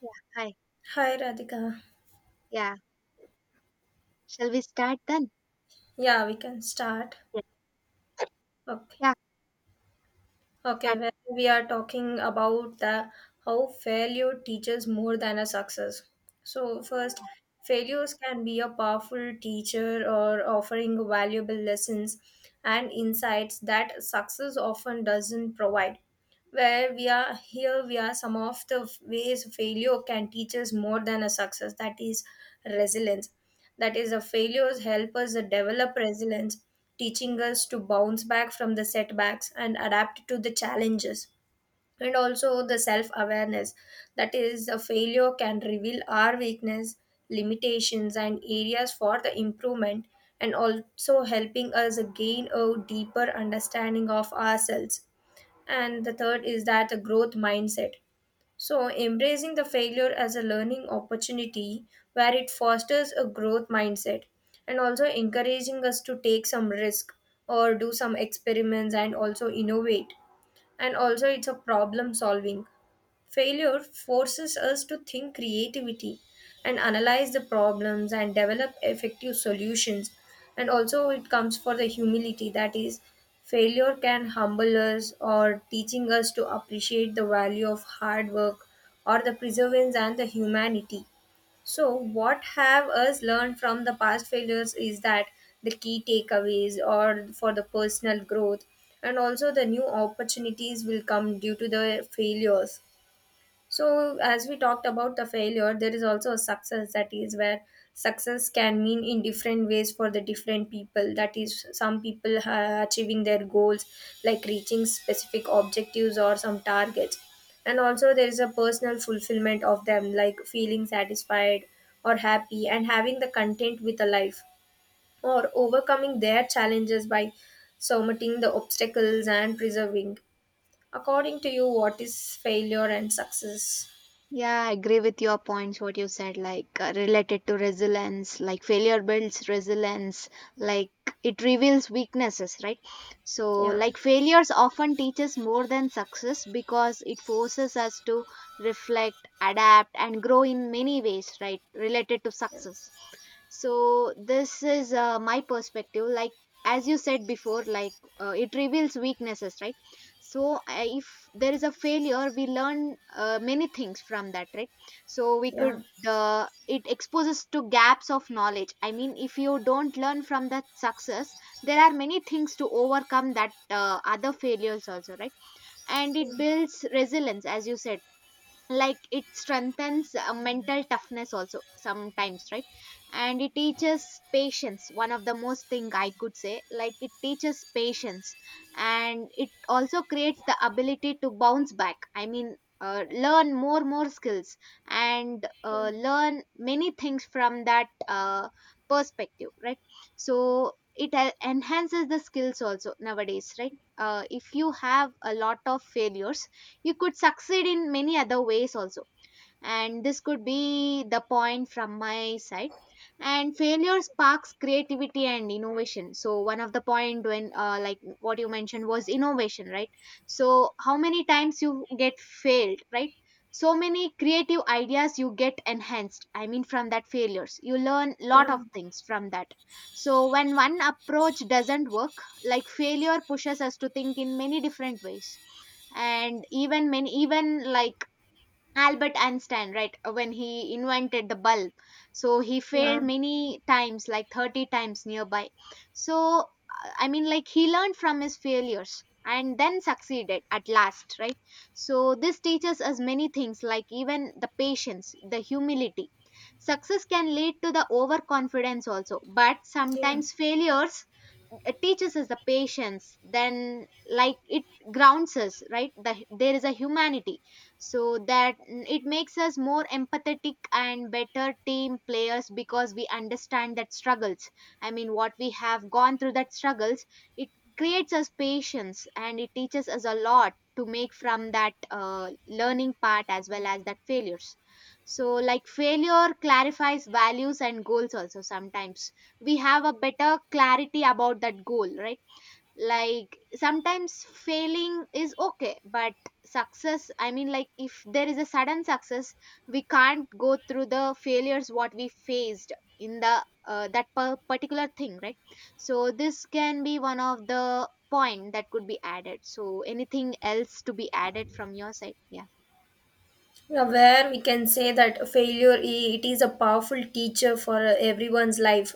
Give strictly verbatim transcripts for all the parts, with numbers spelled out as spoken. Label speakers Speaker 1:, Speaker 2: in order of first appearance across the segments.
Speaker 1: Yeah, hi.
Speaker 2: Hi Radhika.
Speaker 1: Yeah. Shall we start then?
Speaker 2: Yeah, we can start.
Speaker 1: Yeah.
Speaker 2: Okay.
Speaker 1: Yeah,
Speaker 2: Okay,
Speaker 1: start.
Speaker 2: well, we are talking about the how failure teaches more than a success. So first, failures can be a powerful teacher or offering valuable lessons and insights that success often doesn't provide. Where we are here, we are some of the ways failure can teach us more than a success. That is, resilience. That is, a failures help us develop resilience, teaching us to bounce back from the setbacks and adapt to the challenges. And also the self awareness. That is, a failure can reveal our weakness, limitations, and areas for the improvement, and also helping us gain a deeper understanding of ourselves. And the third is that the growth mindset, so embracing the failure as a learning opportunity where it fosters a growth mindset and also encouraging us to take some risk or do some experiments and also innovate. And also, it's a problem solving. Failure forces us to think creativity and analyze the problems and develop effective solutions. And also, it comes for the humility, that is, failure can humble us or teaching us to appreciate the value of hard work or the perseverance and the humanity. So, what have us learned from the past failures is that the key takeaways or for the personal growth, and also the new opportunities will come due to the failures. So, as we talked about the failure, there is also a success, that is where success can mean in different ways for the different people. That is, some people uh, achieving their goals, like reaching specific objectives or some targets. And also, there is a personal fulfillment of them, like feeling satisfied or happy and having the content with the life, or overcoming their challenges by surmounting the obstacles and preserving. According to you, what is failure and success?
Speaker 1: Yeah, I agree with your points, what you said, like uh, related to resilience, like failure builds resilience, like it reveals weaknesses, right? So,
Speaker 2: Yeah,
Speaker 1: like failures often teaches more than success because it forces us to reflect, adapt, and grow in many ways, right? Related to success. So this is uh, my perspective, like as you said before, like uh, it reveals weaknesses, right? So I, if there is a failure, we learn uh, many things from that, right? So we could,
Speaker 2: yeah,
Speaker 1: uh, it exposes to gaps of knowledge. I mean, if you don't learn from that success, there are many things to overcome that uh, other failures also, right? And it builds resilience, as you said. Like it strengthens uh, mental toughness also sometimes, right? And it teaches patience, one of the most thing I could say, like it teaches patience. And it also creates the ability to bounce back. I mean, uh, learn more more skills and
Speaker 2: yeah,
Speaker 1: uh, learn many things from that uh, perspective, right? So it uh, enhances the skills also nowadays, right? Uh, if you have a lot of failures, you could succeed in many other ways also. And this could be the point from my side. And failure sparks creativity and innovation. So one of the point, when uh, like what you mentioned was innovation, right? So how many times you get failed, right? So many creative ideas you get enhanced, I mean from that failures you learn lot
Speaker 2: yeah,
Speaker 1: of things from that. So when one approach doesn't work, like failure pushes us to think in many different ways. And even many even like Albert Einstein, right, uh, when he invented the bulb. So he
Speaker 2: yeah,
Speaker 1: failed
Speaker 2: yeah,
Speaker 1: many times, like thirty times nearby. So, uh, I mean, like he learned from his failures and then succeeded at last, right? So this teaches us many things, like even the patience, the humility. Success can lead to the overconfidence also, but
Speaker 2: yeah.
Speaker 1: sometimes failures uh, teaches us the patience. Then like it grounds us, right? The, there is a humanity. So that, mm, it makes us more empathetic and better team players, because we understand that struggles, I mean what we have gone through that struggles. It creates us patience and it teaches us a lot to make from that uh, learning part as well as that failures. So like failure clarifies values and goals also. Sometimes we have a better clarity about that goal, right? Like sometimes failing is okay, but success, I mean like if there is a sudden success, we can't go through the failures what we faced in the uh, that per- particular thing, right? So this can be one of the point that could be added. So anything else to be added from your side? Yeah.
Speaker 2: Yeah, where we can say that failure i- it is a powerful teacher for uh, everyone's life.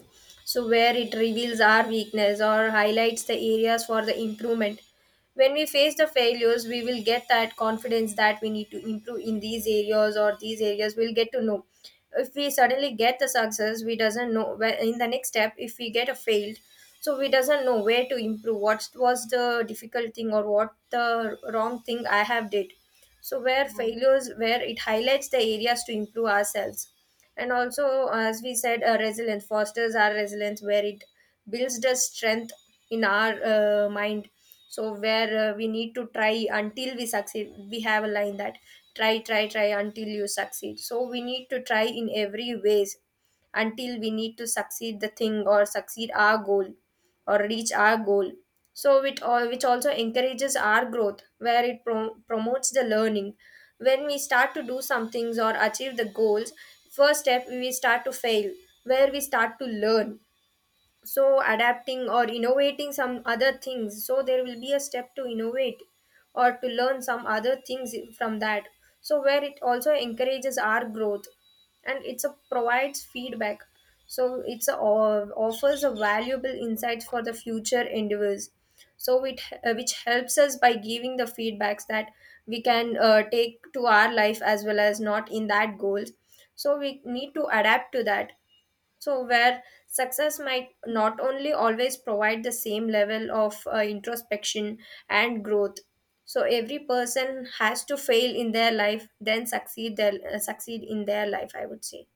Speaker 2: So where it
Speaker 1: Mhm.
Speaker 2: reveals our weakness or highlights the areas for the improvement. When we face the failures, we will get that confidence that we need to improve in these areas, or these areas we'll get to know. If we suddenly get the success, we doesn't know where in the next step if we get a failed, so we doesn't know where to improve, what was the difficult thing or what the wrong thing I have did. So where
Speaker 1: Yeah.
Speaker 2: failures, where it highlights the areas to improve ourselves. And also, as we said, uh, resilience fosters our resilience where it builds the strength in our uh, mind. So where, uh, we need to try until we succeed. We have a line that try try try until you succeed, so we need to try in every ways until we need to succeed the thing or succeed our goal or reach our goal. So it all, which also encourages our growth where it pro- promotes the learning. When we start to do some things or achieve the goals, first step we start to fail, where we start to learn, so adapting or innovating some other things. So there will be a step to innovate or to learn some other things from that. So where it also encourages our growth. And it's a provides feedback, so it's a, offers a valuable insights for the future endeavors. So it, uh, which helps us by giving the feedbacks that we can uh, take to our life as well as not in that goals, so we need to adapt to that. So, where success might not only always provide the same level of uh, introspection and growth. So, every person has to fail in their life, then succeed their, uh, succeed in their life, I would say.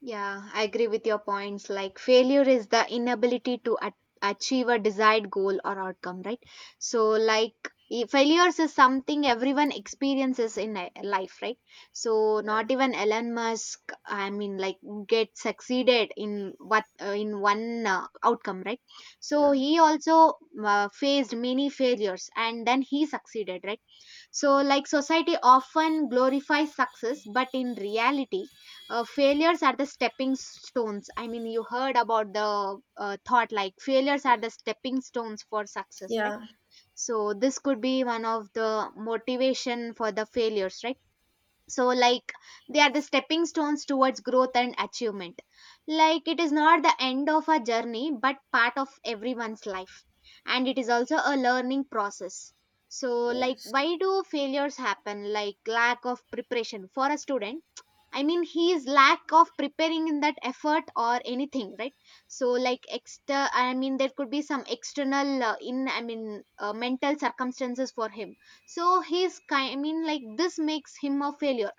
Speaker 1: Yeah, I agree with your points. Like failure is the inability to at- achieve a desired goal or outcome, right? So, like i- failures is something everyone experiences in li- life, right? So,
Speaker 2: Yeah,
Speaker 1: not even Elon Musk, I mean, like get succeeded in what, uh, in one uh, outcome, right? So
Speaker 2: yeah,
Speaker 1: he also uh, faced many failures and then he succeeded, right? So, like society often glorifies success, but in reality, uh, failures are the stepping stones. I mean, you heard about the uh, thought, like failures are the stepping stones for success, right?
Speaker 2: yeah,
Speaker 1: So this could be one of the motivation for the failures, right? So like they are the stepping stones towards growth and achievement. Like it is not the end of a journey, but part of everyone's life. And it is also a learning process. So like,
Speaker 2: yes,
Speaker 1: why do failures happen? Like lack of preparation for a student, I mean he is lack of preparing in that effort or anything, right? So like extra, I mean there could be some external, uh, in I mean uh, mental circumstances for him. So he's kind, I mean like this makes him a failure,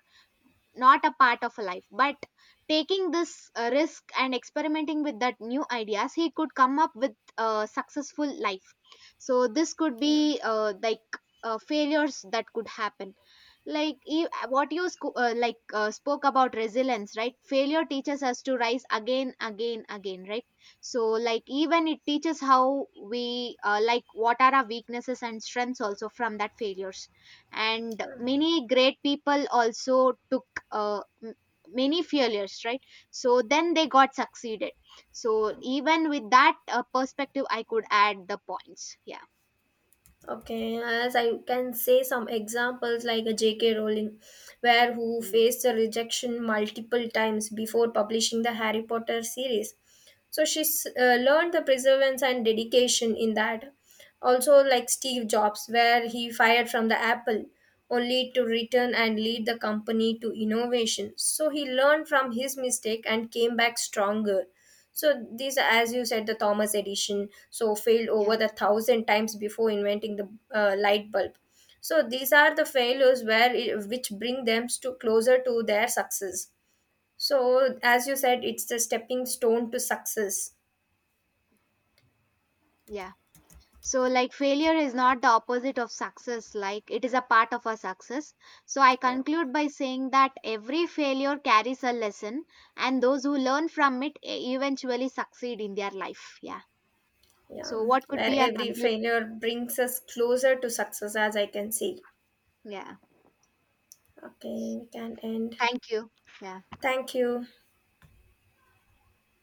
Speaker 1: not a part of a life, but taking this uh, risk and experimenting with that new ideas, he could come up with a successful life. So this could be
Speaker 2: yeah.
Speaker 1: uh, like uh, failures that could happen. Like e- what you sco- uh, like uh, spoke about resilience, right? Failure teaches us to rise again, again, again, right? So like even it teaches how we, uh, like what are our weaknesses and strengths also, from that failures. And
Speaker 2: Yeah.
Speaker 1: many great people also took uh, m- many failures, right? So then they got succeeded. So even with that uh, perspective I could add the points. Yeah.
Speaker 2: Okay, as I can say some examples like a J K. Rowling, where who
Speaker 1: Mm.
Speaker 2: faced the rejection multiple times before publishing the Harry Potter series. So she's uh, learned the perseverance and dedication in that. Also, like Steve Jobs, where he fired from the Apple only to return and lead the company to innovation. So he learned from his mistake and came back stronger. So these, are, as you said, the Thomas Edison, so failed over
Speaker 1: Yeah.
Speaker 2: the thousand times before inventing the uh, light bulb. So these are the failures where it, which bring them to closer to their success. So as you said, it's the stepping stone to success.
Speaker 1: Yeah. So, like, failure is not the opposite of success, like, it is a part of our success. So, I
Speaker 2: Yeah,
Speaker 1: conclude by saying that every failure carries a lesson, and those who learn from it e- eventually succeed in their life. Yeah.
Speaker 2: yeah,
Speaker 1: So, what could
Speaker 2: where
Speaker 1: be our
Speaker 2: every
Speaker 1: conclusion?
Speaker 2: failure brings us closer to success, as I can see.
Speaker 1: Yeah.
Speaker 2: Okay, we can end.
Speaker 1: Thank you. Yeah.
Speaker 2: Thank you.